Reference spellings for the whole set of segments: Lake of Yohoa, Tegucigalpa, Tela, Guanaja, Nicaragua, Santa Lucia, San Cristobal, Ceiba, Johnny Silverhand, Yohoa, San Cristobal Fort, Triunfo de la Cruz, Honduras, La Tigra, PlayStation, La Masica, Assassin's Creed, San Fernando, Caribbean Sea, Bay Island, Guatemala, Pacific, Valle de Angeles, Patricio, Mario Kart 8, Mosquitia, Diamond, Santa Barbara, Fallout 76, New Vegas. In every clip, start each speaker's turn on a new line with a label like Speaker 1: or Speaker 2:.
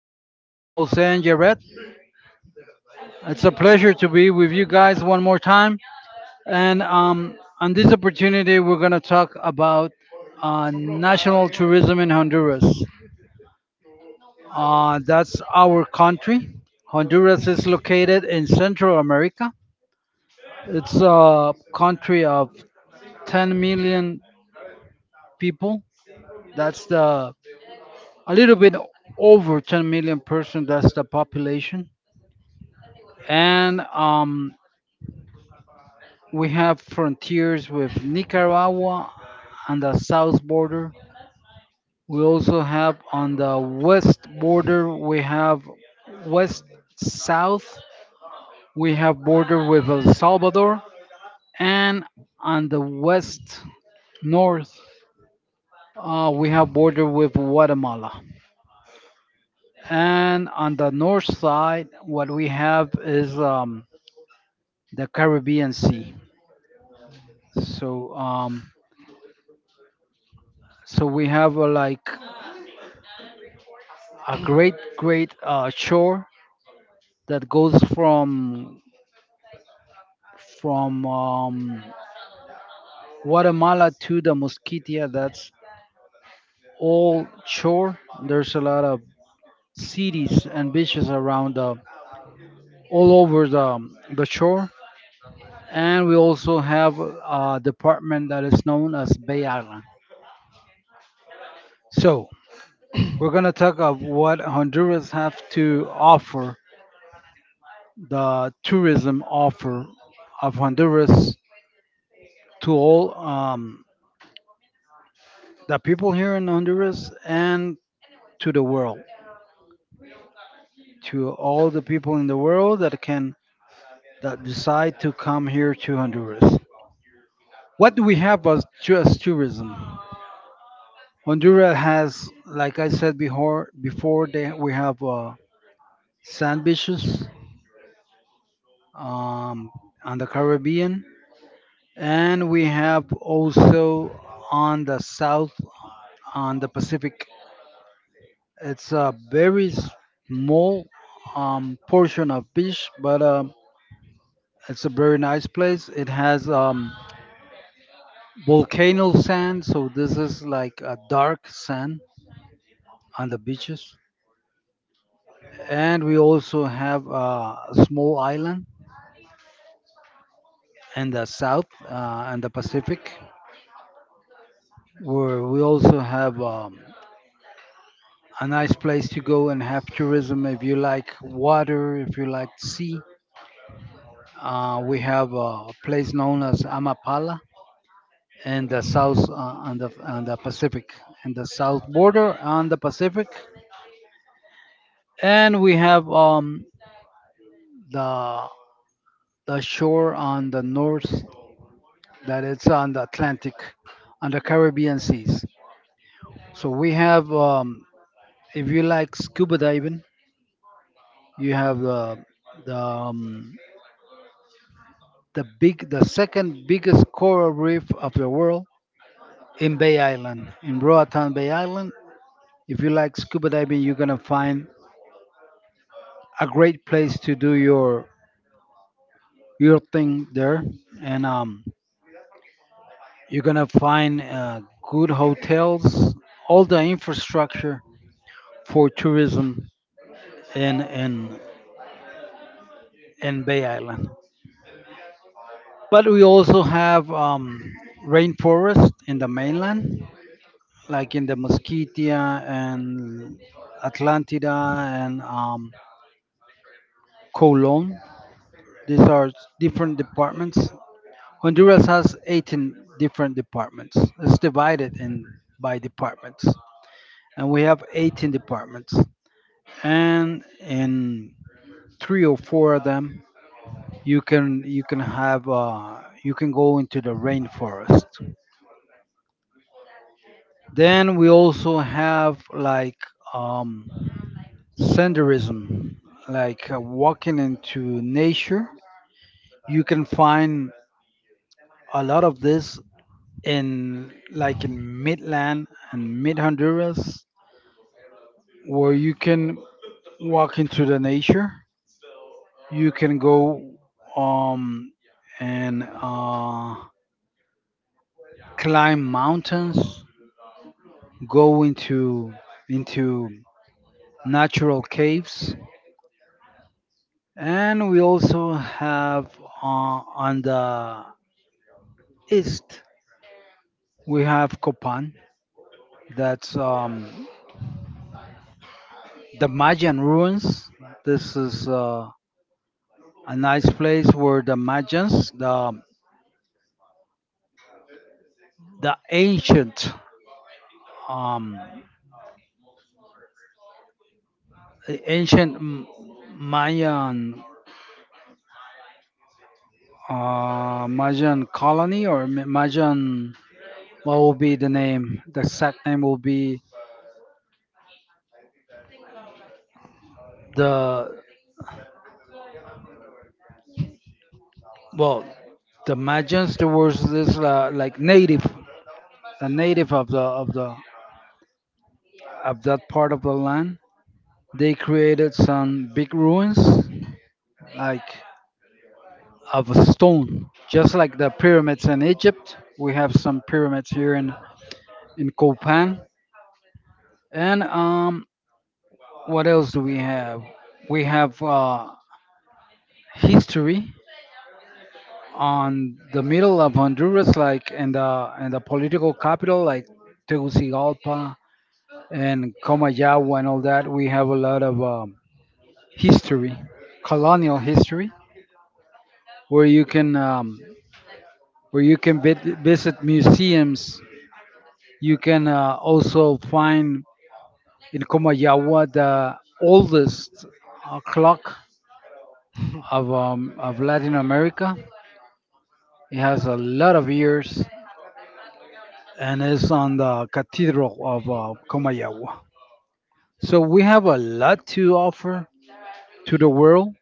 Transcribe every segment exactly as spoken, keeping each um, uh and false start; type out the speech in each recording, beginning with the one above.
Speaker 1: post from Jose and Jared. It's a pleasure to be with you guys one more time. And um, on this opportunity, we're going to talk about uh, national tourism in Honduras. Uh, that's our country. Honduras is located in Central America. It's
Speaker 2: Contrary
Speaker 1: a country of ten million people. That's the a little bit over ten million person. That's the population. And um, We have frontiers with Nicaragua on the south border. We also have on the west border, we have west south. We have border with El Salvador and on the west north uh, we have border with Guatemala. And on the north side, what we have is um, the Caribbean Sea. So um, so we have a, like a great great uh, shore that goes from from um, Guatemala to the Mosquitia. That's all shore. There's a lot of cities and beaches around uh, all over the the shore, and we also have a department that is known as Bay Island. So we're gonna talk of what Honduras have to offer, the tourism offer of Honduras to all um, the people here in Honduras and to
Speaker 2: to all
Speaker 1: the
Speaker 2: to
Speaker 1: world,
Speaker 2: the world.
Speaker 1: to all the people in the world that can that decide to come here to Honduras. What do we have as, tu- as tourism? Honduras has, like I said before, before they, we have uh, sand beaches um, on the Caribbean, and we have also on the south on the Pacific. It's a very small um, portion of beach, but um, it's a very nice place. It has um, volcano sand. So this is like a dark sand on the beaches, and we also have uh, a small island in the south uh, and the Pacific, where we also have um, a nice place to go and have tourism if you like water, if you like sea. Uh, we have a place known as
Speaker 2: Is
Speaker 1: Amapala in the south uh, on the on the Pacific, in the south border on the Pacific, and we have um, the the shore on the north that it's on the Atlantic, on the Caribbean seas. So we have, um, if you like scuba diving, you have the the um, the big, the second biggest coral reef of the world in Bay Island, in Roatan Bay Island. If you like scuba diving, you're gonna find a great place to do your your thing there, and um, you're gonna find uh, good hotels, all the infrastructure for tourism in in in Bay Island. But we also have um, rainforest in the mainland, like in the Mosquitia and Atlantida and um, Colon. These are different departments. Honduras has eighteen different departments. It's divided in by departments, and we have eighteen departments. And in three or four of them, you can you can have uh, you can go into the rainforest. Then we also have like um, senderism, like uh, walking into nature. You can find a lot of this in, like, in midland and mid Honduras where you can walk into the nature. You can go um, and uh, climb mountains, go into into natural caves. And we also have uh, on the east we have Copan. That's um, the Mayan ruins. This is uh, a nice place where the Mayans, the the ancient um, the ancient M- Mayan uh, Mayan colony or Ma- Mayan, what will be the name, the exact name will be the. Well, the Magians, there was this uh, like native, a native of the of the of that part of the land. They created some big ruins like of a stone, just like the pyramids in Egypt. We have some pyramids here in in Copan. And um, what else do we have? We have uh, history on the middle of Honduras, like in the in the political capital, like Tegucigalpa and Comayagua and all that. We have a lot of um, history, colonial history, where you can um, where you can vid- visit museums. You can uh, also find in Comayagua the oldest uh, clock of um, of Latin America. It has a lot of years, and it's on the cathedral of uh, Comayagua. So we have a lot to offer to the world,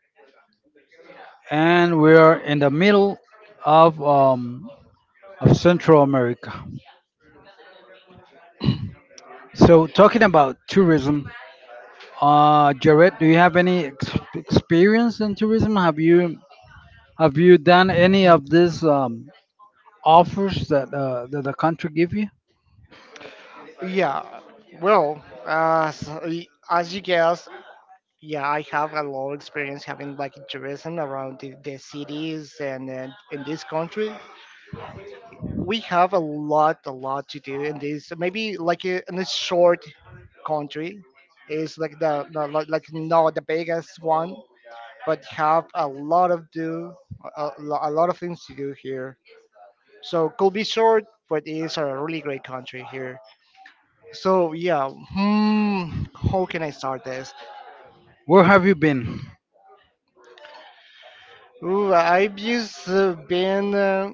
Speaker 1: and we are in the middle of um, of Central America. So talking about tourism, uh, Jared, do you have any ex- experience in tourism? Have you have you done any of these um, offers that uh, that the country give you?
Speaker 2: Yeah. Well, uh, so, y- as you guess, yeah, I have a lot of experience having like tourism around the, the cities and uh, in this country. We have a lot, a lot to do in this. Maybe like a in a short country is like the, the like like not the biggest one, but have a lot of do a, a lo- a lot of things to do here. So could be short, but it is a really great country here. So yeah, hmm, how can I start this?
Speaker 1: Where have you been?
Speaker 2: Ooh, I've just uh, been uh,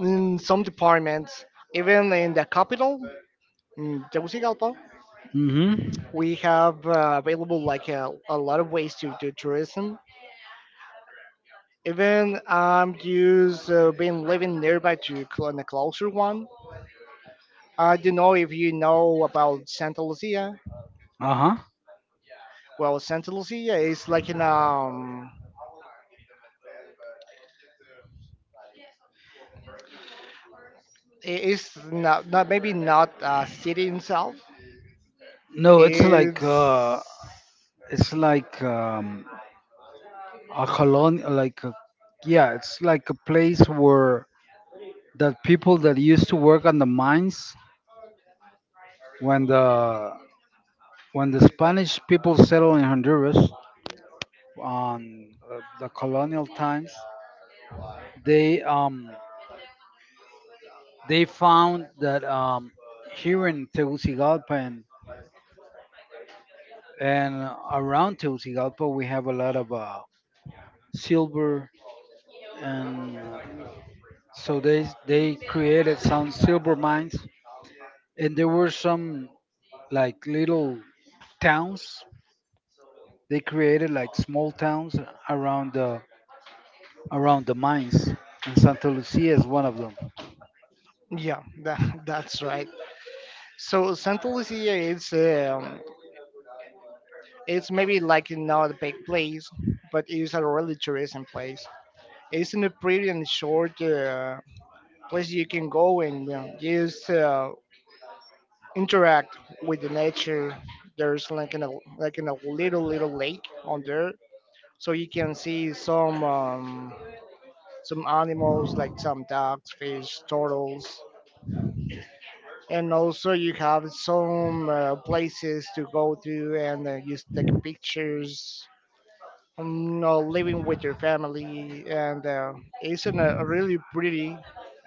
Speaker 2: in some departments, even in the capital, in Tegucigalpa.
Speaker 1: Mm-hmm.
Speaker 2: We have uh, available like a, a lot of ways to do tourism. Even I'm just uh, been living nearby to cl- in a closer one. I don't know if you know about Santa Lucia.
Speaker 1: Uh-huh.
Speaker 2: Well, Santa Lucia is like an um, I- it's not, not maybe not a city itself.
Speaker 1: No, it's like uh,
Speaker 2: It's
Speaker 1: it's like um, a colony, like a, yeah, it's like a place where that people that used to work on the mines when the when the Spanish people settled in Honduras on uh, the colonial times, they um, they found that um, here in Tegucigalpa and, and around Tegucigalpa we have a lot of uh, silver and uh, so they they created some silver mines, and there were some like little towns. They created like small towns around the. around the mines, and Santa Lucia is one of them.
Speaker 2: yeah, that, that's right. So Santa Lucia is um, it's maybe like not a big place, but it's a really tourism place. It's in a pretty and short uh, place you can go and you know, just uh, interact with the nature. There's like in a like in a little little lake on there, so you can see some um, some animals like some ducks, fish, turtles, and also you have some uh, places to go to and uh, you take pictures, um, you know, living with your family, and uh, it's in a really pretty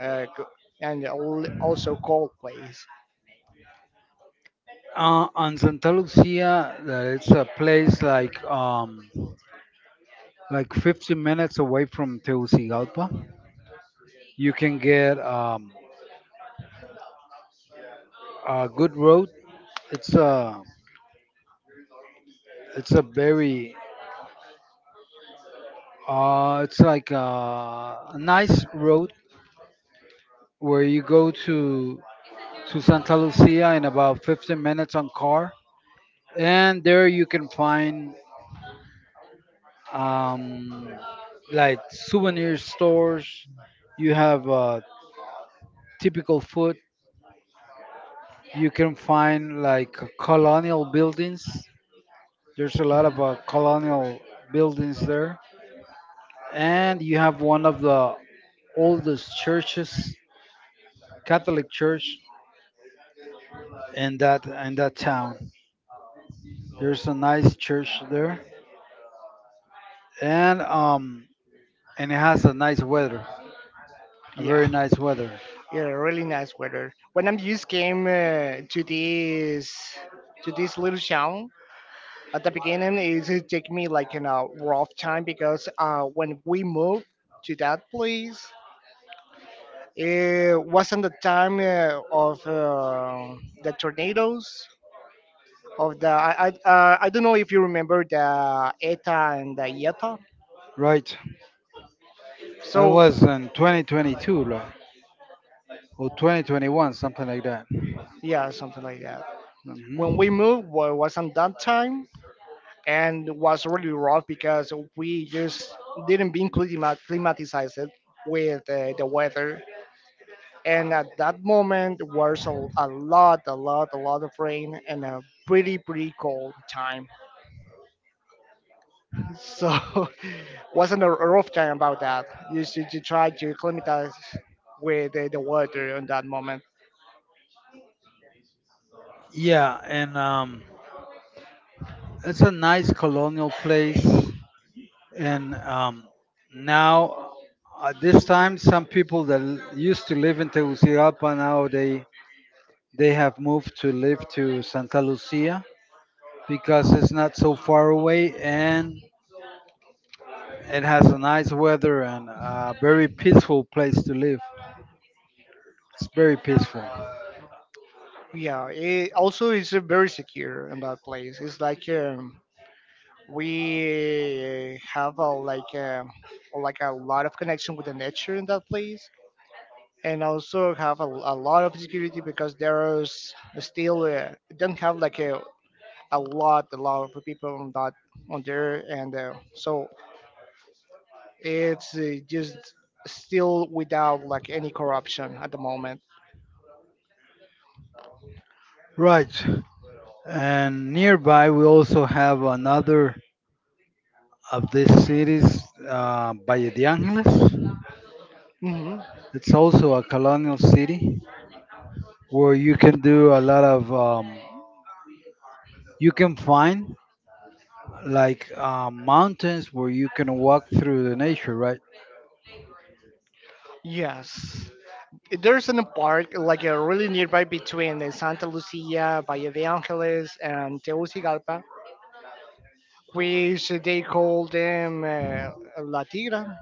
Speaker 2: uh, co- and al- also cold place.
Speaker 1: Uh, on Santa Lucia, uh, it's a place like um, like fifty minutes away from Tegucigalpa. You can get um, a good road. It's a it's a very uh, it's like a, a nice road where you go to to Santa Lucia in about fifteen minutes on car, and there you can find um, like souvenir stores. You have uh, typical food. You can find like colonial buildings. There's a lot of uh, colonial buildings there, and you have one of the oldest churches, Catholic church, in that in that town. There's a nice church there, and um, and it has a nice weather, a
Speaker 2: Yeah.
Speaker 1: very nice weather.
Speaker 2: Yeah, really nice weather when I just came uh, to this to this little town. At the beginning it just took me like in a rough time because uh, when we moved to that place, it wasn't the time uh, of uh, the tornadoes of the I I, uh, I don't know if you remember the E T A and the I E T A.
Speaker 1: Right, I
Speaker 2: So
Speaker 1: was in twenty twenty-two, right? Or twenty twenty-one, something like that.
Speaker 2: yeah, something like that. When
Speaker 1: Hmm.
Speaker 2: we moved, well, it wasn't that time, and was really rough because we just didn't being climat- climatized with uh, the weather. And at that moment, was a, a lot, a lot, a lot of rain and a pretty, pretty cold time. So wasn't a rough time about that. You should you try to acclimatize with the, the water in that moment.
Speaker 1: Yeah, and um, it's a nice colonial place. And um, Now, at this time, some people that l- used to live in Tegucigalpa now they they have moved to live to Santa Lucia because it's not so far away, and it has a nice weather and a very peaceful place to live. It's very peaceful.
Speaker 2: Yeah, it also is uh, very secure in that place. It's like um, we have a like a, like a lot of connection with the nature in that place, and also have a, a lot of security because there is still uh, don't have like a a lot, a lot of people on that on there, and uh, so it's uh, just still without like any corruption at the moment.
Speaker 1: Right. And nearby, we also have another of these cities, uh, Valle de Angeles.
Speaker 2: Hmm.
Speaker 1: It's also a colonial city where you can do a lot of, um, you can find like uh, mountains where you can walk through the nature, right?
Speaker 2: Yes. There's an park like uh, really nearby between uh, Santa Lucia, Valle de Angeles, and Tegucigalpa, which they call them uh, La Tigra.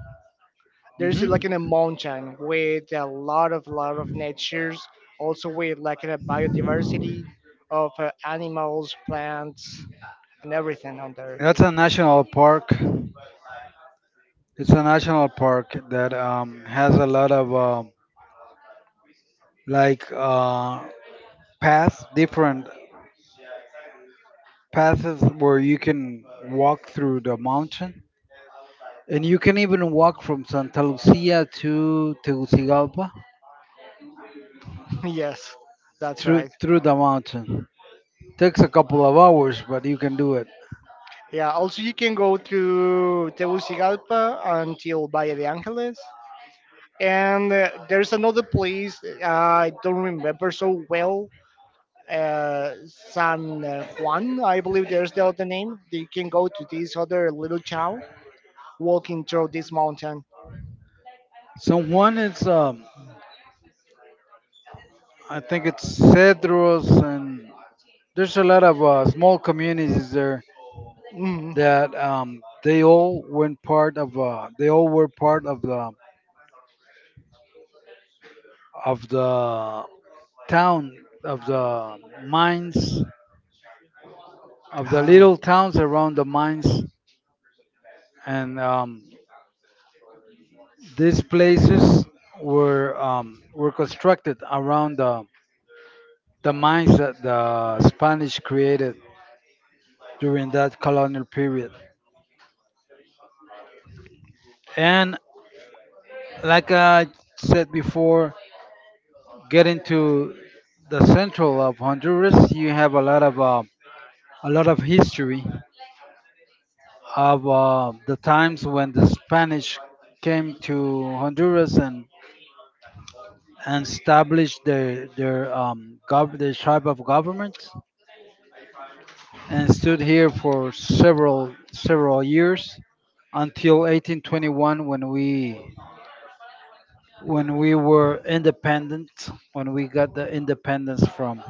Speaker 2: There's
Speaker 1: Hmm.
Speaker 2: like in a mountain with a lot of lot of natures, also with like a biodiversity of uh, animals, plants, and everything on there.
Speaker 1: That's a national park. It's a national park that um, has a lot of uh, like uh, paths, different paths where you can walk through the mountain. And you can even walk from Santa Lucia to Tegucigalpa
Speaker 2: Yes, that's
Speaker 1: through
Speaker 2: right.
Speaker 1: through the mountain. Takes a couple of hours, but you can do it.
Speaker 2: Yeah, also you can go through Tegucigalpa until Valle de Angeles, and uh, there's another place, uh, I don't remember so well, uh, San Juan I believe there's the other name. You can go to this other little town walking through this mountain.
Speaker 1: So one is um, I think it's Cedros, and there's a lot of uh, small communities there
Speaker 2: Mhm.
Speaker 1: that um, they all went part of uh, they all were part of the of the town of the mines, of the little
Speaker 2: Ah.
Speaker 1: towns around the mines. And um, these places were um, were constructed around the, the mines that the Spanish created during that colonial period. And like I said before, getting to the central of Honduras, you have a lot of uh, a lot of history of uh, the times when the Spanish came to Honduras and and established their their um, gov- their type of government, and stood here for several several years until eighteen twenty-one when we when we were independent, when we got the independence from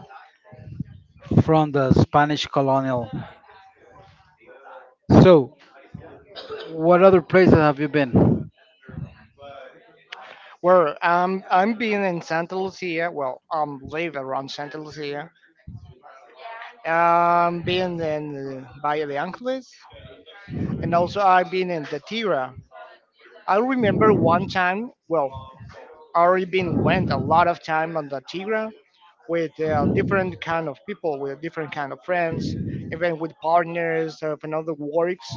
Speaker 1: from the Spanish colonial. So, what other places have you been?
Speaker 2: Well, um, I'm being in Santa Lucia. Well, I'm live around Santa Lucia. Um, been in uh, Valle de Angeles, and also I've been in the Tira. I remember one time. Well, I already been went a lot of time on the Tira with uh, different kind of people, with different kind of friends, even with partners of another works.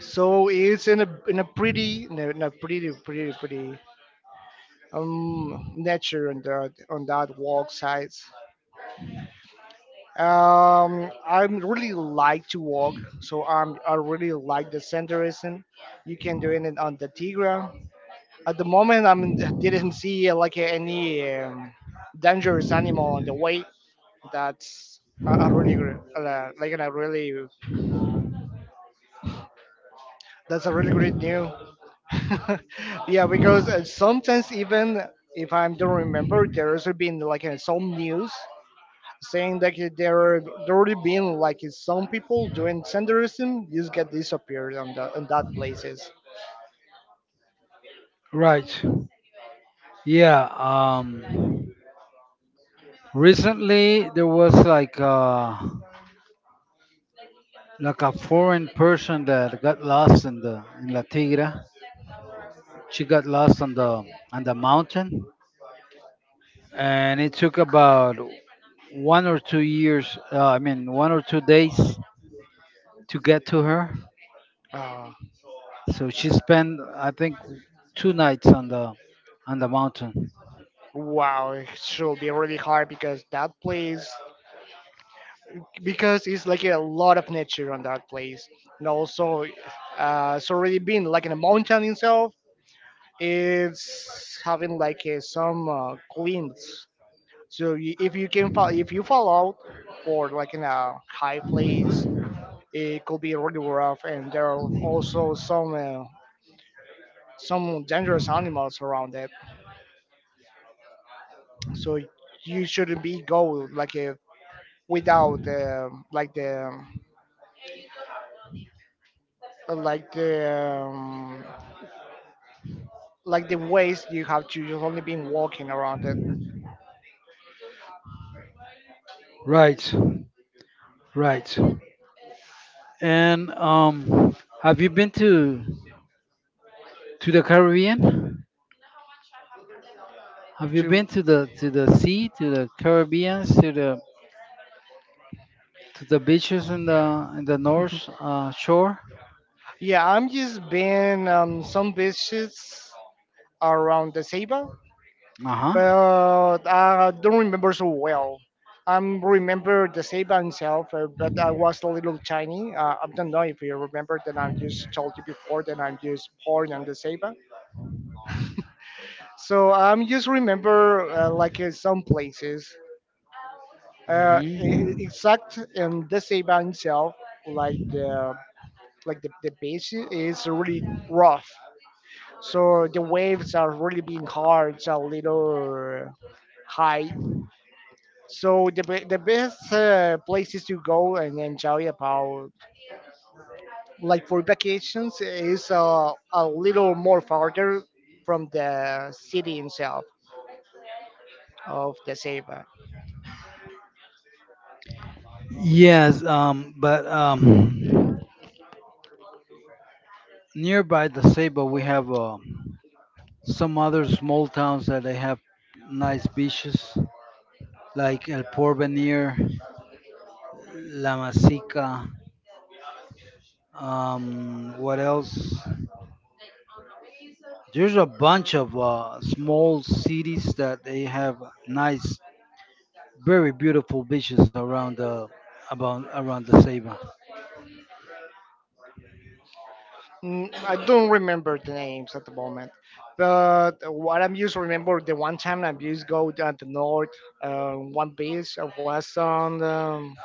Speaker 2: So it's in a in a pretty no not pretty pretty pretty um nature on that on that walk side. Um, I really like to walk, so I'm I really like the centerism. You can do it on the Tigra. At the moment, I didn't see uh, like any um, dangerous animal on the way. That's I, I really gr- uh, like I really That's a really great new. Yeah, because uh, sometimes even if I don't remember, there's been like uh, some news saying that uh, there are there already been like uh, some people doing senderism just get disappeared on the on that places.
Speaker 1: Right. Yeah. Um. Recently, there was like uh like a foreign person that got lost in the in La Tigra. She got lost on the on the mountain, and it took about one or two years. Uh, I mean, one or two days to get to her.
Speaker 2: Uh,
Speaker 1: So she spent, I think, two nights on the on the mountain.
Speaker 2: wow, it should be really hard because that place, because it's like a lot of nature on that place, and also uh, it's already been like in a mountain itself, it's having like a, some uh, glimpse. So you, if you can fall, if you fall out or like in a high place, it could be really rough. And there are also some uh, some dangerous animals around it. So you shouldn't be go like a, without uh, like the like the um, like the ways you have to you've only been walking around it.
Speaker 1: Right, right. And um, have you been to to the Caribbean? Have you
Speaker 2: To
Speaker 1: been to the to the sea, to the Caribbean, to the to the beaches in the in the north uh, shore.
Speaker 2: Yeah, I'm just being um, some beaches around the Ceiba,
Speaker 1: Uh huh.
Speaker 2: but I don't remember so well. I remember the Ceiba itself, uh, but I was a little tiny. Uh, I don't know if you remember that I just told you before that I'm just born on the Ceiba. So I'm just remember uh, like uh, some places, uh, e- e-
Speaker 1: Hmm.
Speaker 2: exact in the Ceiba itself, like the like the, the beach is really rough, so the waves are really being hard, it's a little high. So the, be- the best uh, places to go and enjoy about like for vacations is uh, a little more farther from the city itself of the Ceiba.
Speaker 1: Yes, um, but um, nearby the Ceiba, we have uh, some other small towns that they have nice beaches, like El Porvenir, La Masica. Um, what else? There's a bunch of uh, small cities that they have nice, very beautiful beaches around the about around the Ceiba.
Speaker 2: Mm, I don't remember the names at the moment, but what I'm used to remember the one time I used go down the north, uh, one beach uh, was on um,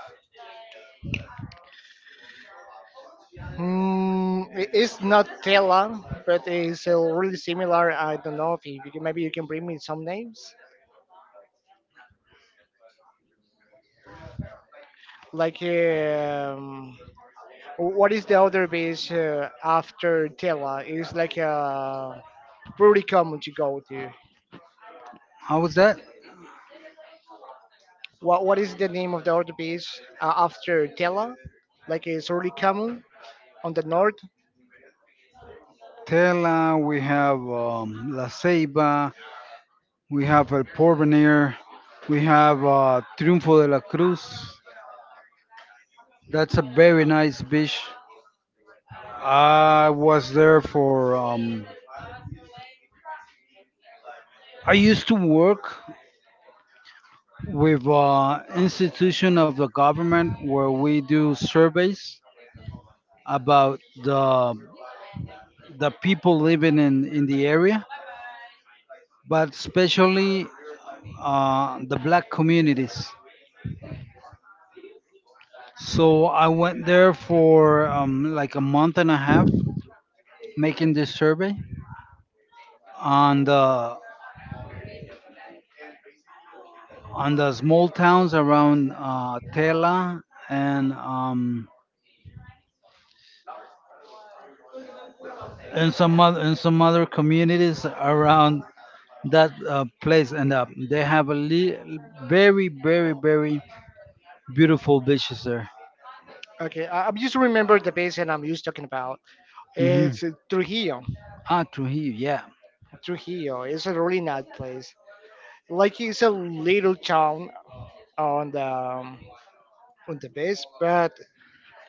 Speaker 2: mm, it- it's not Tela, but it's uh, really similar. I don't know if you, can- maybe you can bring me some names. Like, um, what is the other beach uh, after Tela? It's like uh, pretty common to go to.
Speaker 1: How was that?
Speaker 2: What What is the name of the other beach uh, after Tela? Like, it's really common on the north.
Speaker 1: Tela, we have um, La Ceiba, we have El Porvenir, we have uh, Triunfo de la Cruz. That's a very nice beach. I was there for. Um, I used to work with uh, institution of the government where we do surveys about the the people living in in the area, but especially uh, the black communities. So I went there for um, like a month and a half making this survey on the on the small towns around uh, Tela and um, and some other and some other communities around that uh, place. And uh, they have a li- very very very beautiful beaches there.
Speaker 2: Okay, I, I'm just remember the beach and I'm just talking about.
Speaker 1: Hmm.
Speaker 2: It's Trujillo.
Speaker 1: Ah, Trujillo, yeah.
Speaker 2: Trujillo. It's a really nice place. Like it's a little town on the um, on the base, but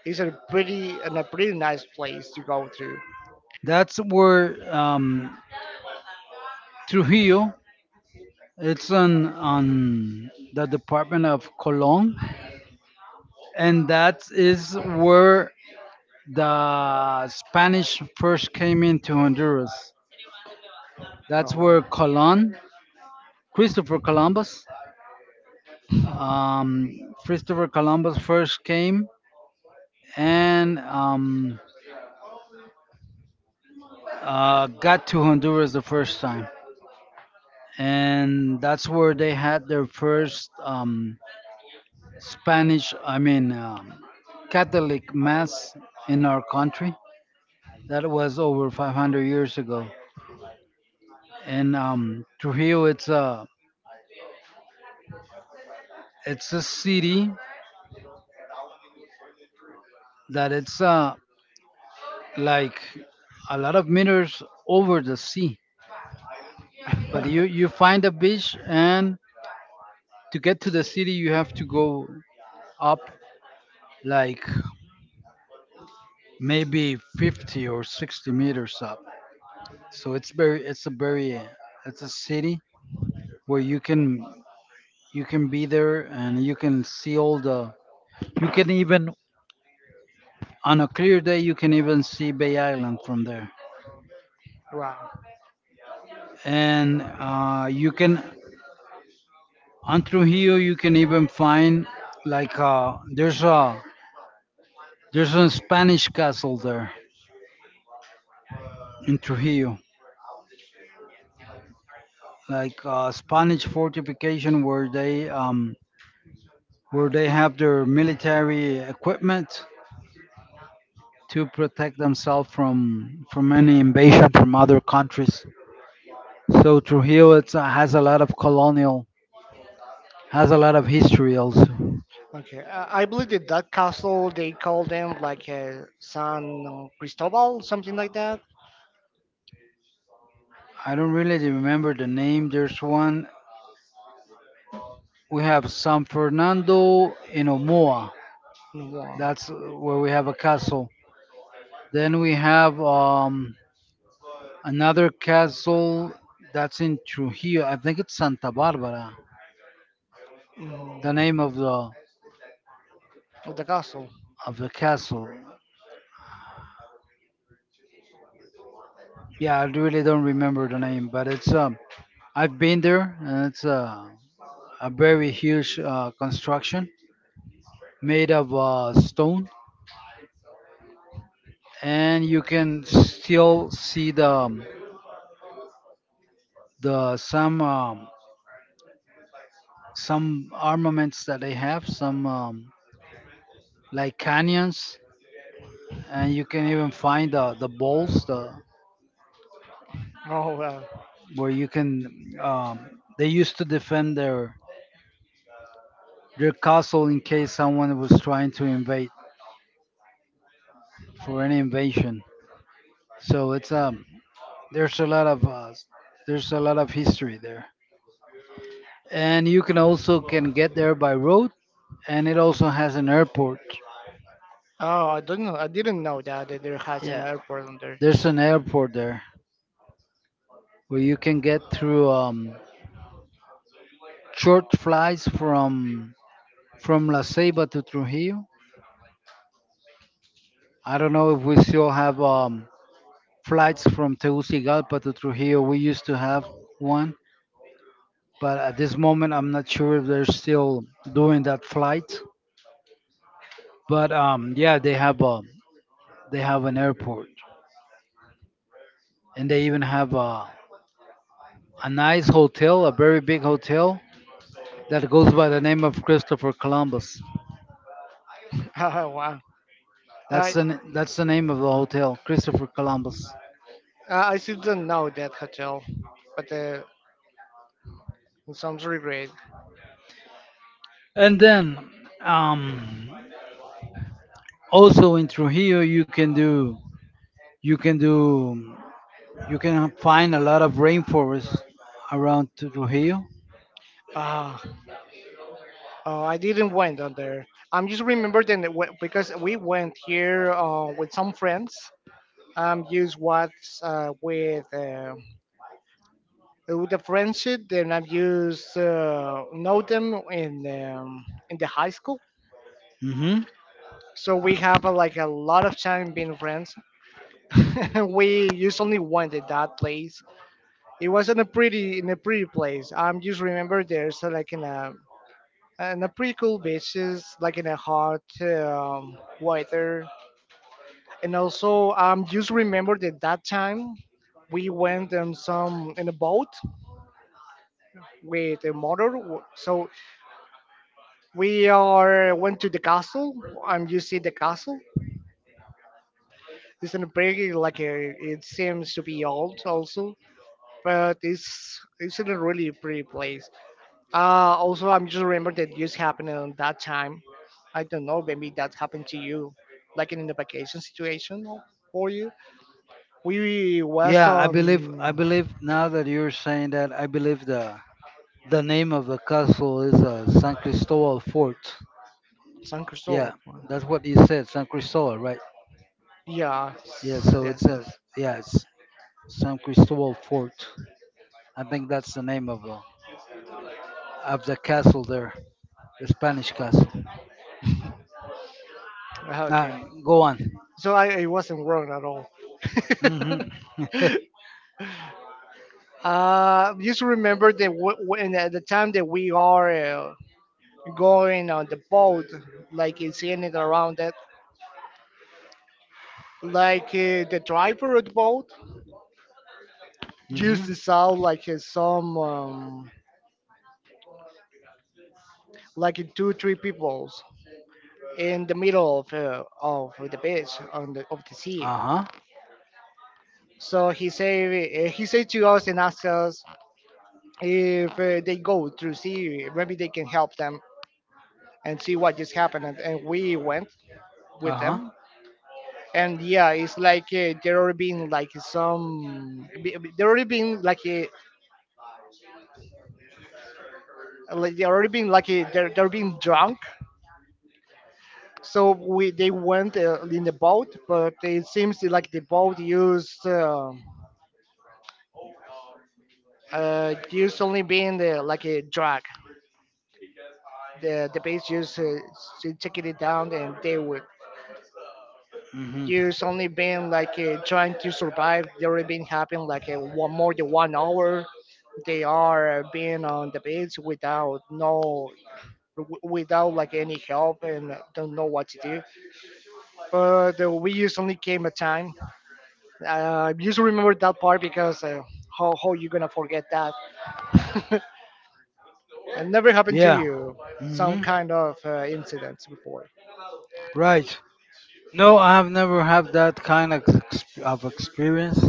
Speaker 2: it's a pretty and a pretty nice place to go to.
Speaker 1: That's where um, Trujillo, it's on on the department of Colon, and that is where the Spanish first came into Honduras.
Speaker 2: Oh,
Speaker 1: That's where
Speaker 2: wow.
Speaker 1: Colon, Christopher Columbus, um, Christopher Columbus first came and um, uh, got to Honduras the first time, and that's where they had their first um, Spanish, I mean um, Catholic mass in our country. That was over five hundred years ago. And um, Trujillo, it's a it's a city that it's uh, like a lot of meters over the sea. But you you find a beach, and to get to the city, you have to go up, like maybe fifty or sixty meters up. So it's very it's a very uh, it's a city where you can you can be there and you can see all the, you can even, on a clear day you can even see Bay Island from there.
Speaker 2: Wow.
Speaker 1: And uh, you can, on through here, you can even find, like uh, there's a there's a Spanish castle there in Trujillo, like uh, Spanish fortification where they um, where they have their military equipment to protect themselves from from any invasion from other countries. So Trujillo, it's, uh, has a lot of colonial, has a lot of history also.
Speaker 2: Okay, uh, I believe that that castle they call them like uh, San Cristobal, something like that.
Speaker 1: I don't really remember the name. There's one, we have San Fernando in Omoa.
Speaker 2: No, wow.
Speaker 1: That's where we have a castle. Then we have um, another castle that's in Trujillo. I think it's Santa Barbara.
Speaker 2: Mm,
Speaker 1: The name of the,
Speaker 2: the castle.
Speaker 1: of the castle. Yeah, I really don't remember the name, but it's um I've been there and it's a a very huge uh, construction made of uh, stone, and you can still see the um, the some um, some armaments that they have, some um, like canyons, and you can even find uh, the bowls, the,
Speaker 2: Oh well.
Speaker 1: where you can. Um, they used to defend their their castle in case someone was trying to invade, for any invasion. So it's um there's a lot of uh, there's a lot of history there, and you can also can get there by road, and it also has an airport.
Speaker 2: Oh, I don't know. I didn't know that, that there has an
Speaker 1: Yeah,
Speaker 2: airport on there.
Speaker 1: there's an airport there where you can get through um, short flights from from La Ceiba to Trujillo. I don't know if we still have um, flights from Tegucigalpa to Trujillo. We used to have one, but at this moment, I'm not sure if they're still doing that flight. But um, yeah, they have a, they have an airport, and they even have a a nice hotel, a very big hotel that goes by the name of Christopher Columbus.
Speaker 2: Wow.
Speaker 1: That's
Speaker 2: I
Speaker 1: the n- that's the name of the hotel, Christopher Columbus.
Speaker 2: I I still don't know that hotel, but uh, it sounds really great.
Speaker 1: And then um, also in Trujillo you can do, you can do you can find a lot of rainforests around Trujillo.
Speaker 2: Ah, oh, I didn't went on there. I'm just remember then that it because we went here uh, with some friends. Um, used what uh, with uh, with the friendship. Then I've used uh, know them in um, in the high school.
Speaker 1: Hmm.
Speaker 2: So we have uh, like a lot of time being friends. We just only went at that place. It was in a pretty in a pretty place. I'm just remember there's uh, like in a in a pretty cool beaches, like in a hot um, weather, and also um just remember that that time we went in some in a boat with a motor. So we are went to the castle. I'm you see the castle. It's in a pretty like a, it seems to be old also, but it's it's in a really pretty place. Uh, also, I'm just remember that this happened on that time. I don't know, maybe that happened to you, like in the vacation situation for you. We was
Speaker 1: Yeah, I
Speaker 2: on
Speaker 1: believe I believe now that you're saying that, I believe the the name of the castle is uh, San Cristobal Fort.
Speaker 2: San
Speaker 1: Yeah,
Speaker 2: Cristobal.
Speaker 1: that's what you said, San Cristobal, right?
Speaker 2: Yeah,
Speaker 1: Yeah, so it's
Speaker 2: yes,
Speaker 1: a,
Speaker 2: yes.
Speaker 1: yeah, it's San Cristobal Fort. I think that's the name of the, of the castle there, the Spanish castle.
Speaker 2: Ah, okay,
Speaker 1: Uh, go on.
Speaker 2: so I, I wasn't wrong at all.
Speaker 1: Mhm.
Speaker 2: Uh, just remember that w- when at the time that we are uh, going on the boat, like in seeing it around that, like uh, the driver of the boat used
Speaker 1: Mhm.
Speaker 2: to sound like uh, some um, like uh, two three peoples in the middle of uh, of the beach on the of the sea.
Speaker 1: Uh huh.
Speaker 2: So he said uh, he said to us and asked us if uh, they go through sea maybe they can help them and see what just happened, and, and we went
Speaker 1: Uh
Speaker 2: with
Speaker 1: huh.
Speaker 2: them. And yeah, it's like uh, there already been like some there already been like a like they already been like a, they're they're being drunk. So we they went uh, in the boat, but it seems like the boat used uh, uh, used only being the like a drag. The the base used uh, to taking it down, and they would
Speaker 1: Mhm.
Speaker 2: use only being like uh, trying to survive. They already been having like a one more than one hour. They are being on the base without no w- without like any help and don't know what to do. But uh, we just only came a time. Uh, just remember that part because uh, how how you gonna forget that? it never happened to
Speaker 1: Yeah.
Speaker 2: you. Some
Speaker 1: Mhm.
Speaker 2: kind of uh, incidents before.
Speaker 1: Right. No, I've never had that kind of ex- of experience.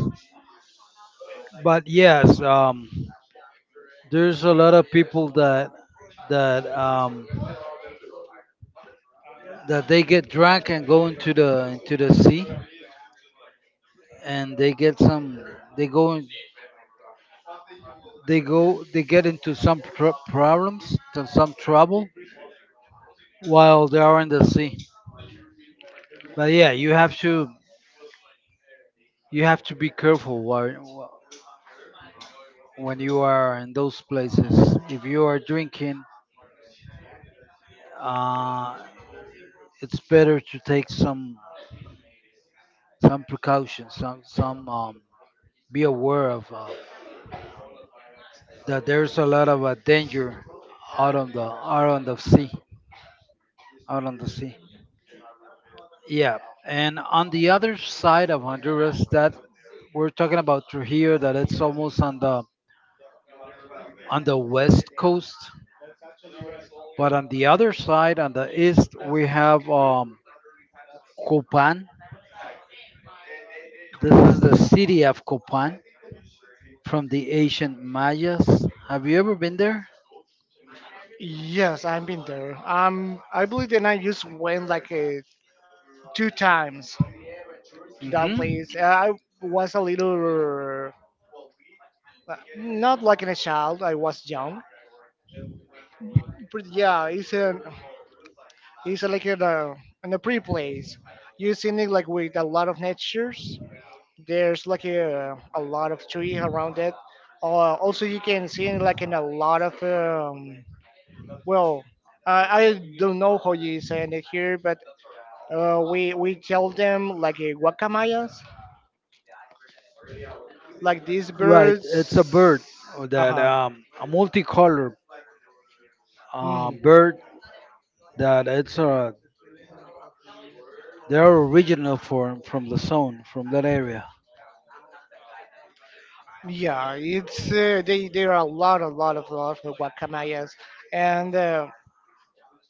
Speaker 1: But yes, um, there's a lot of people that, that um, that they get drunk and go into the into the sea, and they get some. They go, they go they get into some tr- problems, to some trouble while they are in the sea. But yeah, you have to, you have to be careful while, when you are in those places, if you are drinking, uh, it's better to take some some precautions, some some um, be aware of uh, that there's a lot of uh, danger out on the, out on the sea out on the sea. Yeah, and on the other side of Honduras, that, we're talking about Trujillo, that it's almost on the, on the west coast, but on the other side, on the east, we have um, Copan. This is
Speaker 2: Coupons.
Speaker 1: the city of Copan from the ancient Mayas. Have you ever been there?
Speaker 2: Yes, I've been there. Um, I believe that I just went like uh, two times to that
Speaker 1: Hmm.
Speaker 2: place. Uh, I was a little, uh, not like in a child. I was young, but yeah, it's an it's like in a in a pretty place. You seen it like with a lot of natures. There's like a, a lot of tree around it. Uh, also, you can see in, like in a lot of um, well, I I don't know how you say it here, but uh, we we tell them like uh, guacamayas, like these
Speaker 1: Right, it's a bird
Speaker 2: birds. Uh
Speaker 1: that
Speaker 2: huh.
Speaker 1: um, a multicolored uh,
Speaker 2: Hmm.
Speaker 1: bird that it's uh, they are original from from the zone, from that area.
Speaker 2: Yeah, it's uh, they there are a lot, a lot of lot of guacamayas, and uh,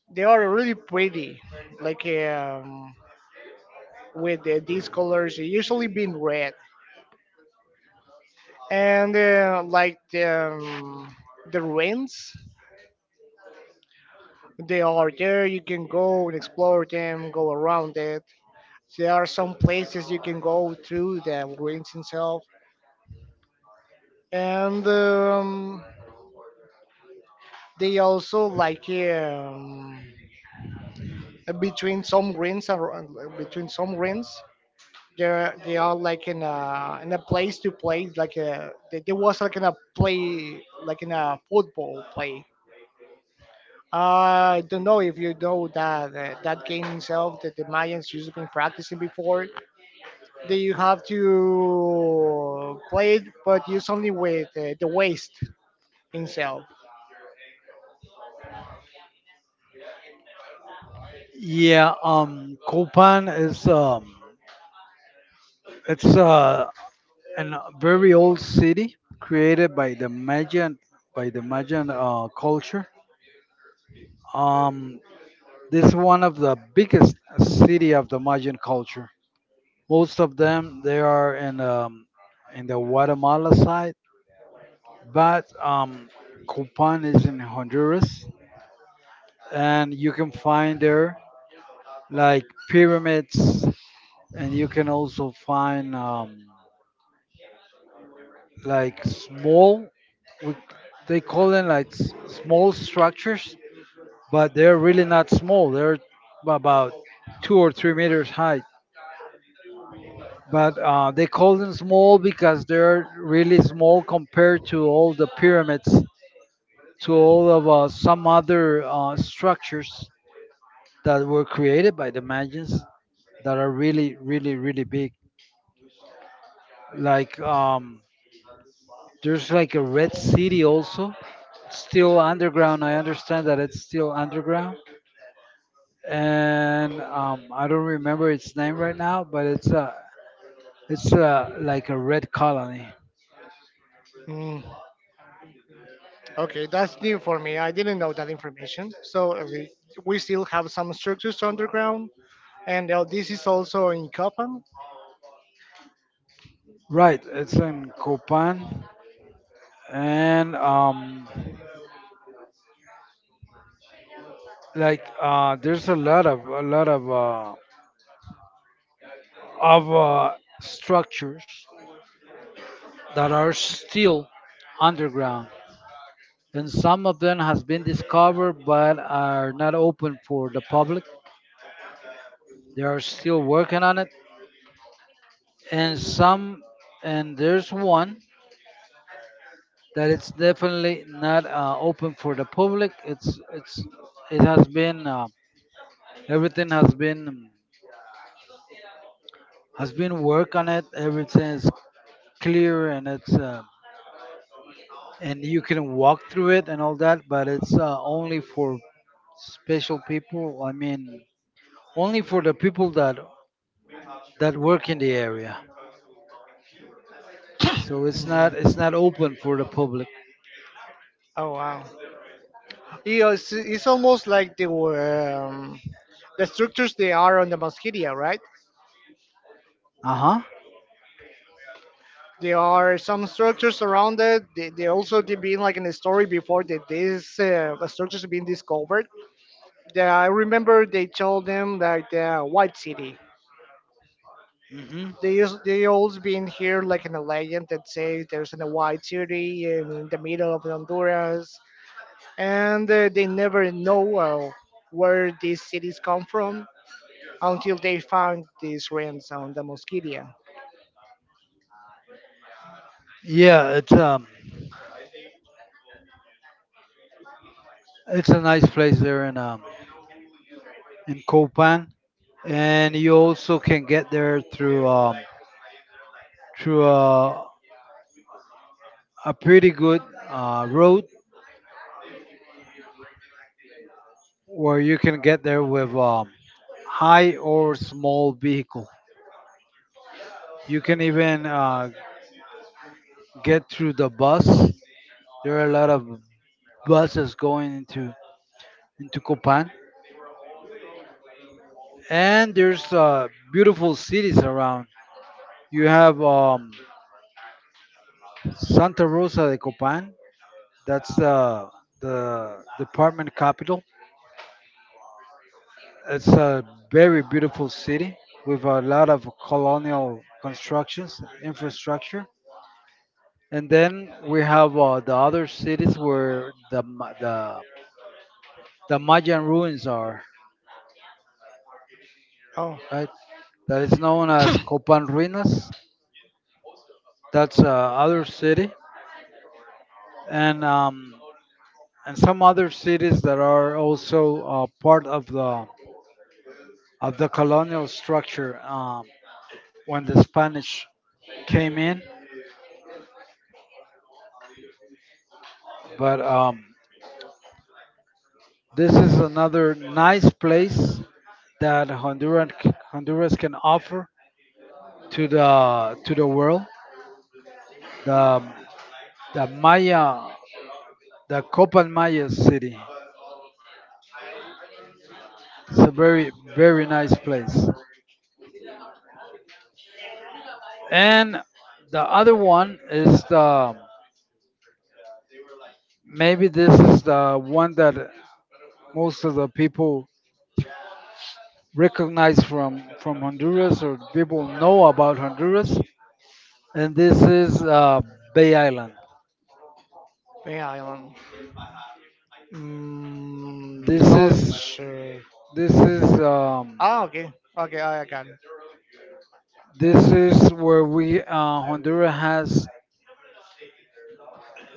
Speaker 2: they are really pretty, like um, with uh, these colors usually being red, and uh, like the um, the ruins they are there, you can go and explore them, go around it. There are some places you can go through the ruins itself, and um, they also like um, between some ruins ar- between some ruins there they are like in a in a place to play like a there there was like in a play like in a football play. Uh, I don't know if you know that uh, that game itself that the Mayans used to been practicing before. That you have to play it, but use only with uh, the waist itself.
Speaker 1: Yeah, um, Copan is um, it's uh, an uh, very old city created by the Mayan, by the Mayan uh, culture. Um, this is one of the biggest city of the Mayan culture. Most of them they are in um, in the Guatemala side, but um, Copan is in Honduras, and you can find there like pyramids, and you can also find um, like small, we, c- they call them like s- small structures, but they're really not small, they're about two or three meters high, but uh, they call them small because they're really small compared to all the pyramids, to all of uh, some other uh, structures that were created by the Mayans, that are really really really big, like um, there's like a red city also still underground. I understand that it's still underground, and um, I don't remember its name right now, but it's a, it's a like a red colony.
Speaker 2: Mm, okay, that's new for me. I didn't know that information. So uh, we we still have some structures underground, and uh, this is also in Copan.
Speaker 1: Right, it's in Copan, and um, like uh, there's a lot of a lot of uh, of uh, structures that are still underground, and some of them has been discovered but are not open for the public. They are still working on it, and some, and there's one that it's definitely not uh, open for the public, it's it's it has been uh, everything has been, has been work on it, everything is clear, and it's uh, and you can walk through it and all that, but it's uh, only for special people, I mean only for the people that, that work in the area. So it's not it's
Speaker 2: Mm.
Speaker 1: not open for the public.
Speaker 2: Oh wow! Yeah, It's, it's almost like the um, the structures they are on the Mosquitia, right?
Speaker 1: Uh-huh.
Speaker 2: There are some structures around it. They, they also did been like in the story before that these uh, structures have been discovered. That I remember they told them like the White City.
Speaker 1: Hmm.
Speaker 2: They used, they always been here like in a legend that says there's in a White City in the middle of Honduras, and uh, they never know well where these cities come from until they found these ruins on the Mosquitia.
Speaker 1: Yeah, it's um, it's a nice place there in um in Copan, and you also can get there through um through a a pretty good uh, road where you can get there with um high or small vehicle. You can even uh, get through the bus. There are a lot of buses going into into Copan, and there's uh, beautiful cities around. You have um Santa Rosa de Copan. That's uh, the department capital. It's a very beautiful city with a lot of colonial constructions, infrastructure. And then we have uh, the other cities where the, Ma- the, the Mayan ruins are,
Speaker 2: Oh,
Speaker 1: right? That is known as Copan Ruinas. That's uh, other city. And, um, and some other cities that are also uh, part of the, of the colonial structure. Um, when the Spanish came in. But um, this is another nice place that Honduran, Honduras can offer to the, to the world. The the Maya, the Copan Maya city. It's a very very nice place. And the other one is the, maybe this is the one that most of the people recognize from from Honduras, or people know about Honduras, and this is uh, Bay Island.
Speaker 2: Bay Island.
Speaker 1: This
Speaker 2: Mm, not
Speaker 1: is
Speaker 2: sure.
Speaker 1: this is um,
Speaker 2: Ah, okay. Okay, I I can.
Speaker 1: this is where we uh, Honduras has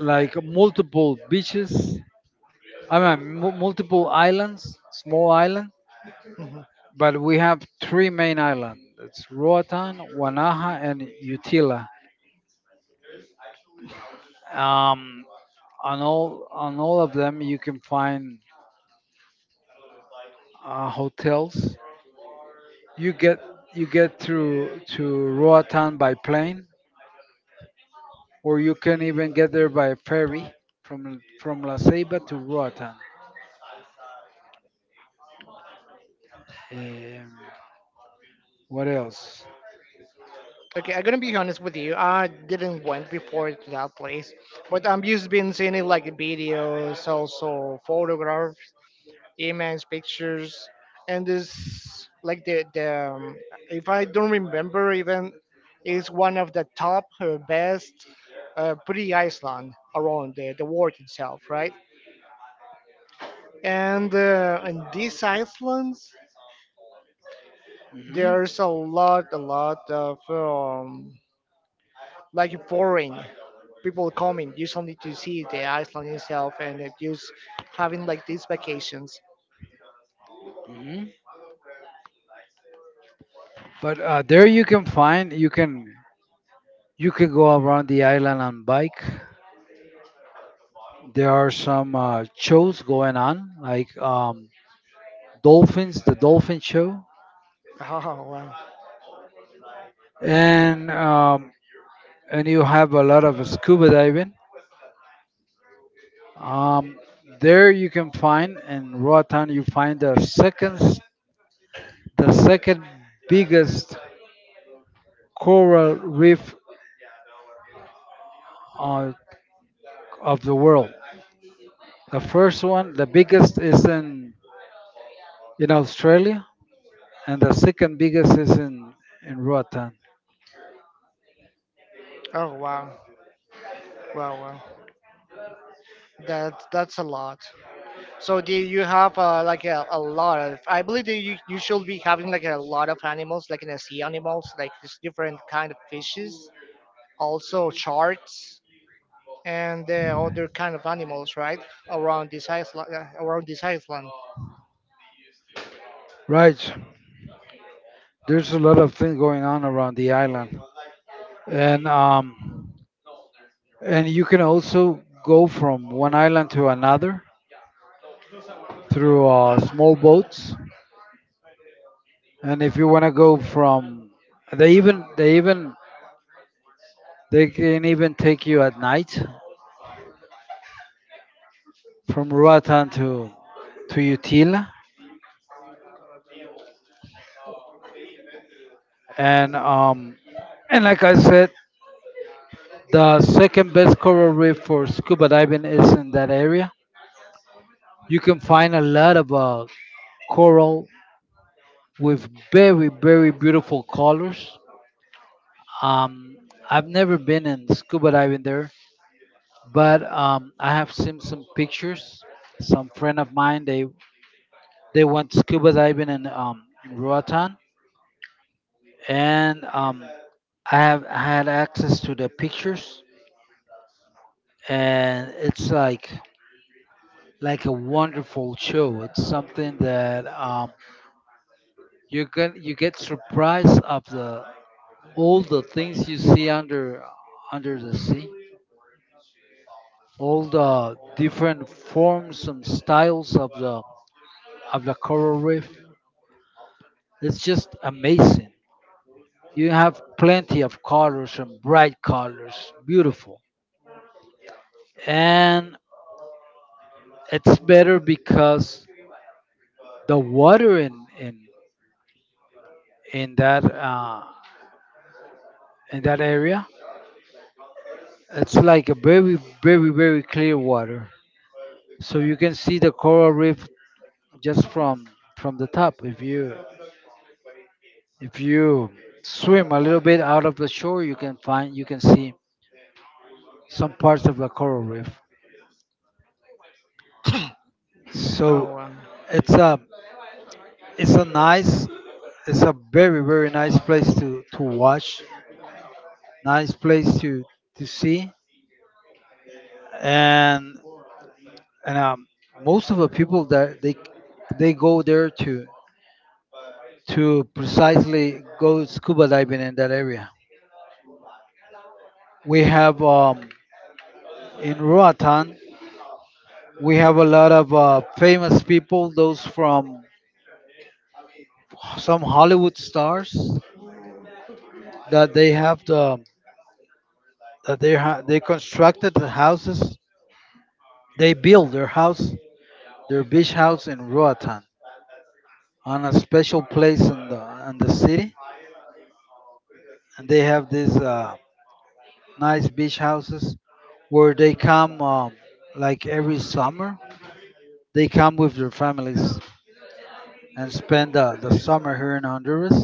Speaker 1: like multiple beaches. I mean, mu multiple islands, small island,
Speaker 2: Mhm.
Speaker 1: but we have three main islands. It's Roatan, Guanaja, and Utila. Um, on all on all of them, you can find uh, hotels. You get you get to to Roatan by plane, or you can even get there by ferry from from La Ceiba to Roatan. Um, what else?
Speaker 2: Okay, I'm gonna be honest with you. I didn't went before to that place, but I'm just been seeing it like videos, also photographs, image pictures, and this like the, the um, if I don't remember even, is one of the top uh, best uh, pretty island around the, the world itself, right? And uh, in these islands
Speaker 1: Hmm.
Speaker 2: there's a lot a lot of um, like foreign people coming usually to see the island itself and it just having like these vacations.
Speaker 1: Hmm. But uh, there you can find, you can, you can go around the island on bike. There are some uh, shows going on like um, dolphins, the dolphin show,
Speaker 2: Oh wow.
Speaker 1: and um, and you have a lot of scuba diving. Um, there you can find, in Roatan you find the second, the second biggest coral reef uh, of the world. The first one, the biggest, is in in Australia, and the second biggest is in in Roatan.
Speaker 2: Oh wow, wow, wow, that that's a lot. So do you have uh, like a, a lot of? I believe that you, you should be having like a lot of animals, like in the sea animals, like this different kind of fishes, also sharks and uh, other kind of animals, right? Around this island, uh, around this island.
Speaker 1: Right. There's a lot of things going on around the island, and um, and you can also go from one island to another through uh, small boats. And if you want to go from, they even they even, they can even take you at night from Roatan to to Utila, and um, and like I said, the second best coral reef for scuba diving is in that area. You can find a lot of uh, coral with very very beautiful colors. Um, I've never been in scuba diving there, but um, I have seen some pictures. Some friend of mine, they they went scuba diving in um, in Roatan, and um, I have I had access to the pictures, and it's like like a wonderful show. It's something that um, you get you get surprised of the, all the things you see under, under the sea, all the different forms and styles of the, of the coral reef. It's just amazing. You have plenty of colors and bright colors, beautiful, and it's better because the water in in in that uh, in that area. It's like a very, very, very clear water, so you can see the coral reef just from from the top. If you if you swim a little bit out of the shore, you can find you can see some parts of the coral reef.
Speaker 2: Oh,
Speaker 1: So
Speaker 2: wow.
Speaker 1: it's a it's a nice it's a very very nice place to to watch, nice place to to see, and and um, most of the people that they they go there to to precisely go scuba diving in that area. We have um, in Roatan, we have a lot of uh, famous people, those from some Hollywood stars that they have the that they ha- they constructed the houses. They build their house, their beach house in Roatan on a special place in the in the city, and they have these uh, nice beach houses where they come um, like every summer. They come with their families and spend uh, the summer here in Honduras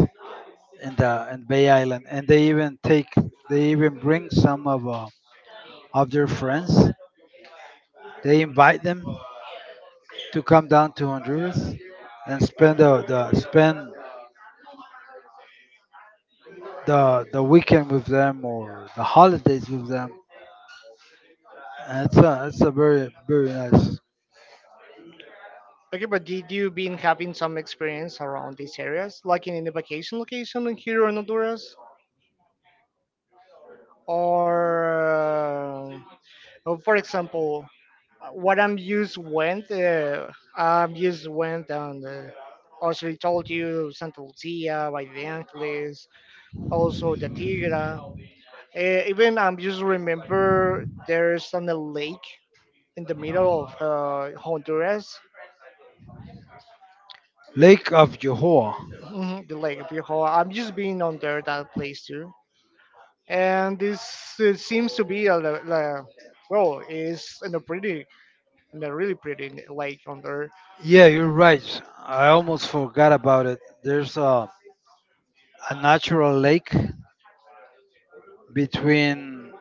Speaker 1: in the in Bay Island. And they even take they even bring some of uh, of their friends. They invite them to come down to Honduras and spend the, the spend the the weekend with them or the holidays with them. And it's a it's a very very nice.
Speaker 2: Okay. But did you been having some experience around these areas, like in, the vacation location in here in Honduras, or uh, or for example, what I'm used went. Uh, I'm used went and uh, also I told you Santa Lucia by the Angeles, also the Tigra. Uh, even I'm just remember there's on a lake in the middle of uh, Honduras.
Speaker 1: Lake of Johor.
Speaker 2: Mhm, the Lake of Yohoa. I'm just been on there that place too, and this uh, seems to be a, li- li- well, it's in a pretty, in a really pretty lake on there.
Speaker 1: Yeah, you're right. I almost forgot about it. There's a a natural lake between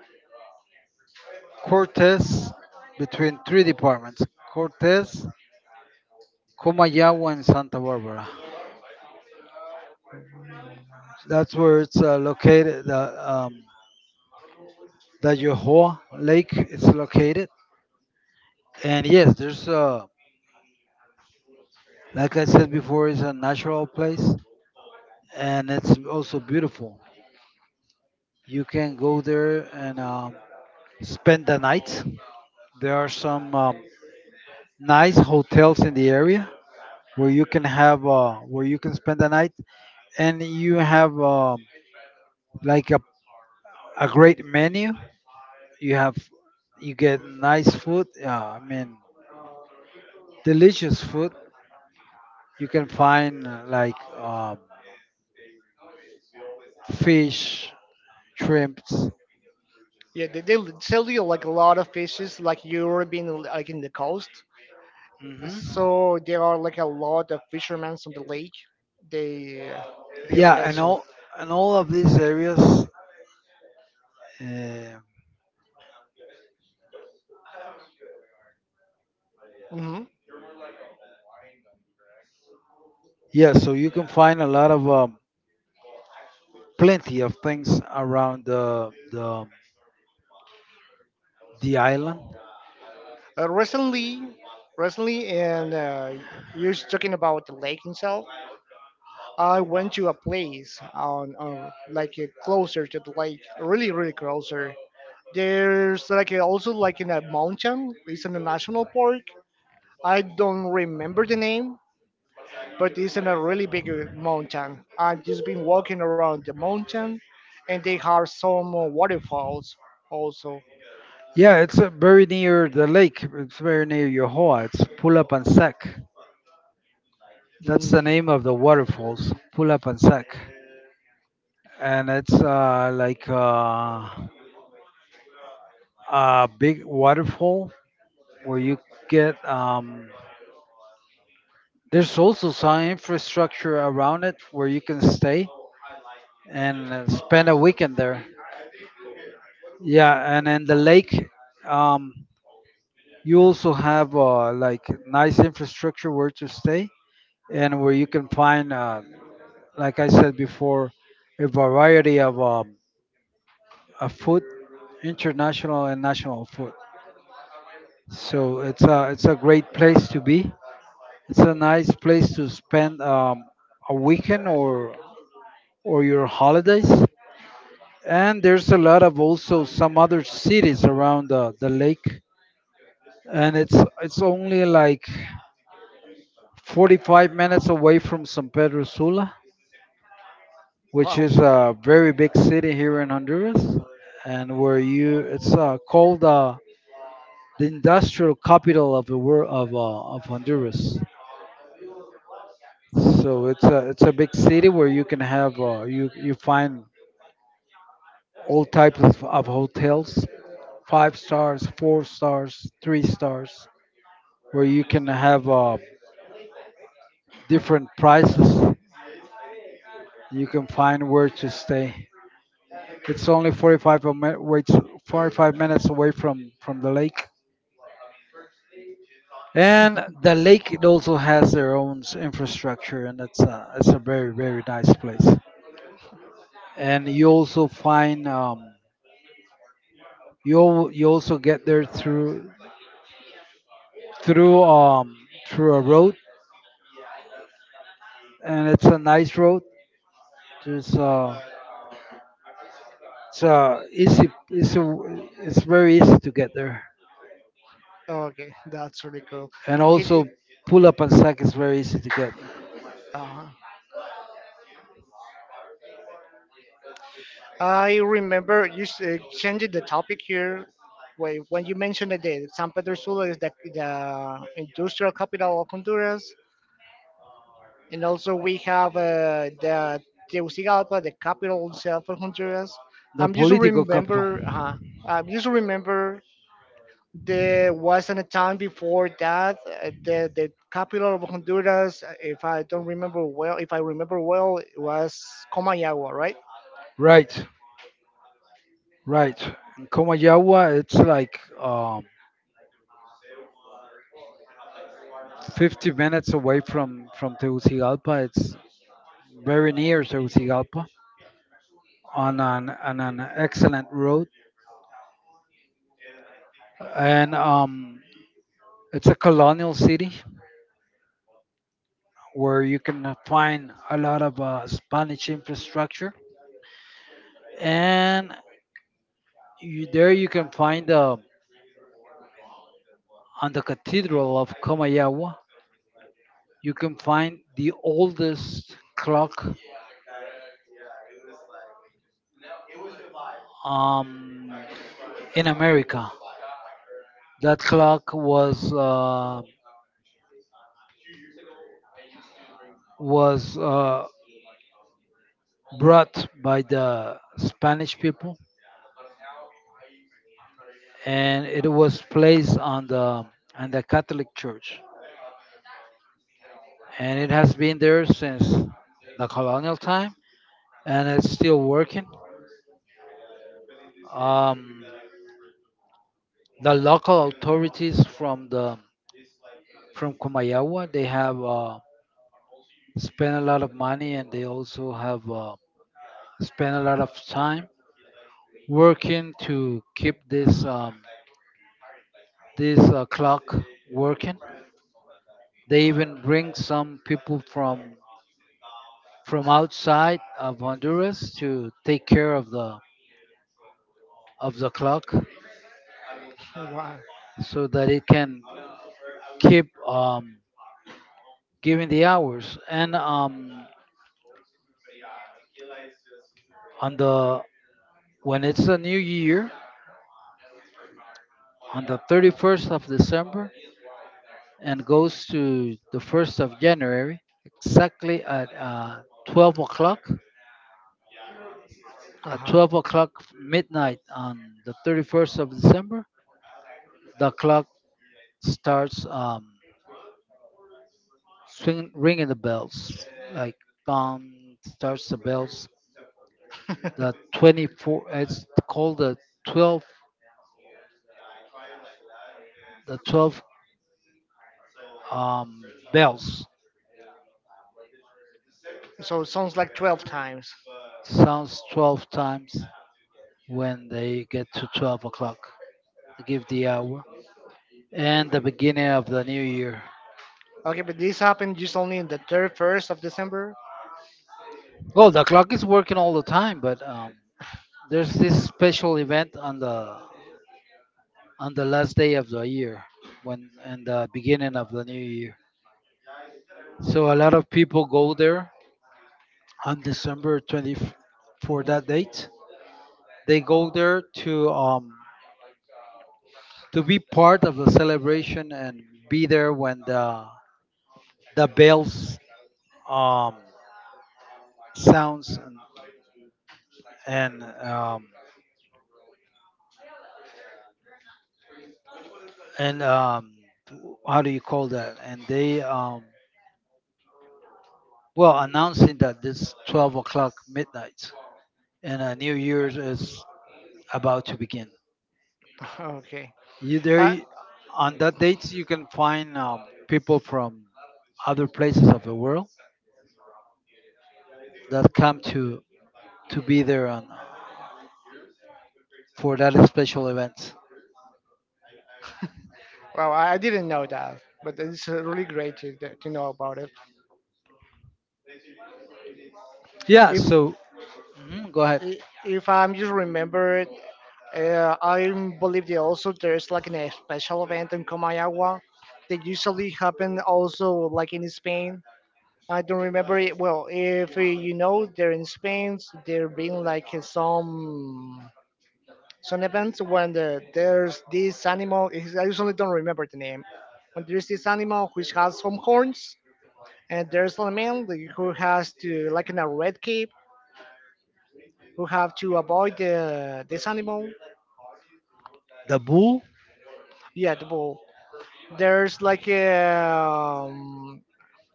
Speaker 1: Cortes, between three departments: Cortes, Comayagua, and Santa Barbara. That's where it's uh, located, the, um, the Yohoa Lake is located. And yes, there's, uh, like I said before, it's a natural place and it's also beautiful. You can go there and um, spend the night. There are some um, nice hotels in the area where you can have uh, where you can spend the night, and you have um, like a a great menu. You have you get nice food. Uh, I mean, delicious food. You can find uh, like um, fish, shrimps.
Speaker 2: Yeah, they, they sell you like a lot of fishes, like you're being like in the coast.
Speaker 1: Hmm.
Speaker 2: So there are like a lot of fishermen on the lake. They uh, be
Speaker 1: Yeah, and
Speaker 2: affection.
Speaker 1: all and all of these areas. Uh,
Speaker 2: Mm-hmm.
Speaker 1: yeah, so you can find a lot of um, plenty of things around the the the island.
Speaker 2: Uh, recently, recently, and uh, you're just talking about the lake itself. I went to a place on, on like uh, closer to the lake, really, really closer. There's like uh, also like in a mountain. It's in a national park. I don't remember the name, but it's in a really big uh, mountain. I've just been walking around the mountain, and they have some uh, waterfalls also.
Speaker 1: Yeah, it's uh, very near the lake. It's very near Yohoa. It's Pulapansac. That's the
Speaker 2: Mm.
Speaker 1: name of the waterfalls, Pula Pansac. And it's uh, like uh, a big waterfall where you get, um, there's also some infrastructure around it where you can stay and uh, spend a weekend there. Yeah, and in the lake, um, you also have uh, like nice infrastructure where to stay, and where you can find, uh, like I said before, a variety of um, a food, international and national food. So it's a it's a great place to be. It's a nice place to spend um, a weekend or or your holidays. And there's a lot of also some other cities around the, the lake, and it's it's only like forty-five minutes away from San Pedro Sula, which
Speaker 2: Wow.
Speaker 1: is a very big city here in Honduras, and where you it's uh, called uh, the industrial capital of the world of uh, of Honduras. So it's a it's a big city where you can have uh, you you find all types of, of hotels, five stars, four stars, three stars, where you can have uh, different prices. You can find where to stay. It's only forty-five a minute, wait, forty-five minutes away from from the lake, and the lake it also has their own s- infrastructure, and it's a it's a very very nice place. And you also find um, you al- you also get there through through um through a road, and it's a nice road. There's uh it's uh easy it's a, it's very easy to get there,
Speaker 2: Okay, that's really cool.
Speaker 1: and
Speaker 2: Okay,
Speaker 1: also
Speaker 2: j-
Speaker 1: pull up and sack is very easy to get there.
Speaker 2: uh, I remember you s- uh, changing the topic here. Wait, when you mentioned that the San Pedro Sula is the, the industrial capital of Honduras, and also we have uh, the Tegucigalpa, the capital itself of Honduras.
Speaker 1: The
Speaker 2: I'm just
Speaker 1: political capital.
Speaker 2: remember, uh, uh, just remember, there wasn't a time before that uh, the the capital of Honduras, uh, if I don't remember well, if I remember well, it was Comayagua, right?
Speaker 1: Right, right. In Comayagua, it's like um, fifty minutes away from from Tegucigalpa. It's very near Tegucigalpa on an on an excellent road, and um, it's a colonial city, where you can uh, find a lot of uh, Spanish infrastructure. And you, there you can find uh, on the Cathedral of Comayagua, you can find the oldest clock um, in America. That clock was uh, was uh, brought by the Spanish people, and it was placed on the on the Catholic Church, and it has been there since the colonial time, and it's still working. Um, the local authorities from the from Kumayawa, they have uh, spent a lot of money, and they also have uh, spent a lot of time working to keep this um, this uh, clock working. They even bring some people from from outside of Honduras to take care of the of the clock,
Speaker 2: Wow.
Speaker 1: so that it can keep um, giving the hours, and um, on the when it's a new year, on the thirty-first of December and goes to the first of January, exactly at uh, twelve o'clock. At
Speaker 2: Uh-huh.
Speaker 1: twelve o'clock midnight on the thirty-first of December, the clock starts um, swing, ringing the bells like bong. Starts the bells, the 24 it's called the twelve, the twelve um, bells,
Speaker 2: So it sounds like twelve times.
Speaker 1: sounds twelve times when they get to twelve o'clock. They give the hour and the beginning of the new year.
Speaker 2: Okay, but this happened just only in the thirty-first of December?
Speaker 1: Well, the clock is working all the time, but um, there's this special event on the on the last day of the year, when and the beginning of the new year. So a lot of people go there on December twentieth for that date. They go there to um to be part of the celebration and be there when the the bells um sounds, and um, and um, w- how do you call that? And they um, well announcing that this twelve o'clock midnight and uh, New Year's is about to begin.
Speaker 2: Okay.
Speaker 1: You there
Speaker 2: Uh,
Speaker 1: y- on that date you can find um, people from other places of the world that come to to be there on uh, for that special event.
Speaker 2: well, I I didn't know that, but it's uh, really great to, to to know about it.
Speaker 1: Yeah.
Speaker 2: If
Speaker 1: So mhm, go ahead.
Speaker 2: i- if I'm just remember it, uh, I believe that also there's like an, a special event in Comayagua that usually happen also like in Spain. I don't remember it well. If uh, you know, they're in Spain, there being like uh, some some events when the, there's this animal. is- I usually don't remember the name. When there's this animal which has some horns, and there's a man that- who has to like in a red cape who have to avoid the this animal.
Speaker 1: The bull.
Speaker 2: Yeah, the bull. There's like um,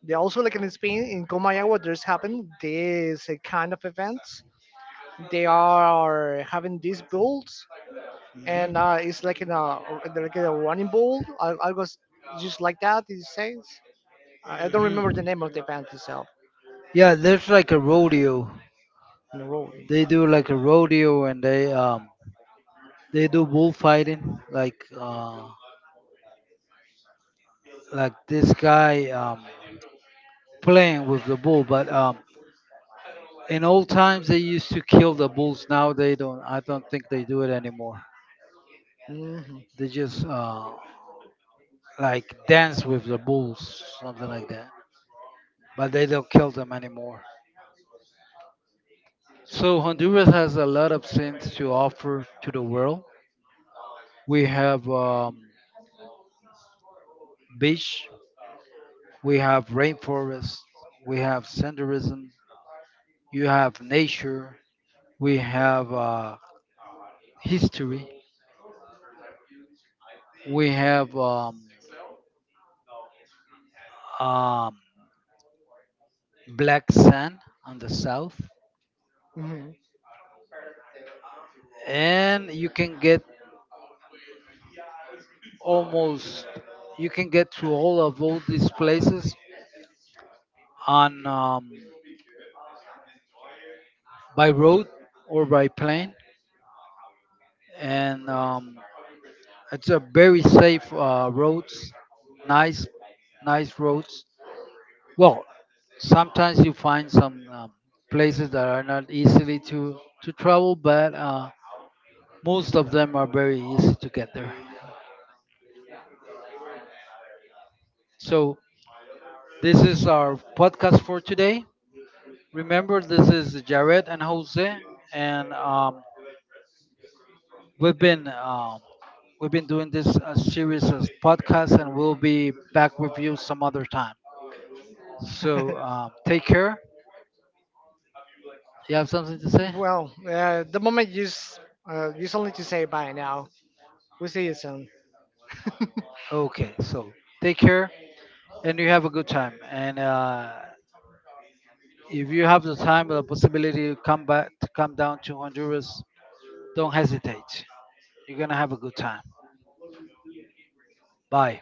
Speaker 2: they also like in Spain in Comayagua. There's happened this uh, kind of events, they are having these builds, and
Speaker 1: Hmm.
Speaker 2: uh, it's like in a like in a running bull. I, I was just like that it says, i I don't remember the
Speaker 1: Hmm.
Speaker 2: name of the band itself
Speaker 1: Yeah, there's like a rodeo.
Speaker 2: in a row.
Speaker 1: They do like a rodeo, and they um they do bullfighting like uh like this guy um playing with the bull. But um in old times they used to kill the bulls. Now they don't. I don't think they do it anymore.
Speaker 2: Mhm,
Speaker 1: They just uh like dance with the bulls, something like that. But they don't kill them anymore. So Honduras has a lot of things to offer to the world. We have um, beach, we have rainforest, we have senderism, you have nature. We have uh, history. We have um, um, black sand on the south,
Speaker 2: mhm.
Speaker 1: and you can get almost you can get to all of all these places on um, by road or by plane, and um, it's a very safe uh, roads, nice nice roads. Well, sometimes you find some um, places that are not easily to to travel, but uh, most of them are very easy to get there. So this is our podcast for today. Remember, this is Jared and Jose, and um, we've been um, we've been doing this uh, series as podcasts, and we'll be back with you some other time. So um, take care. You have something to say?
Speaker 2: Well uh, the moment you s- uh, you just need to say bye now, we'll see you soon.
Speaker 1: Okay, so take care and you have a good time. And uh, if you have the time or the possibility to come back to come down to Honduras, don't hesitate. You're gonna have a good time. Bye.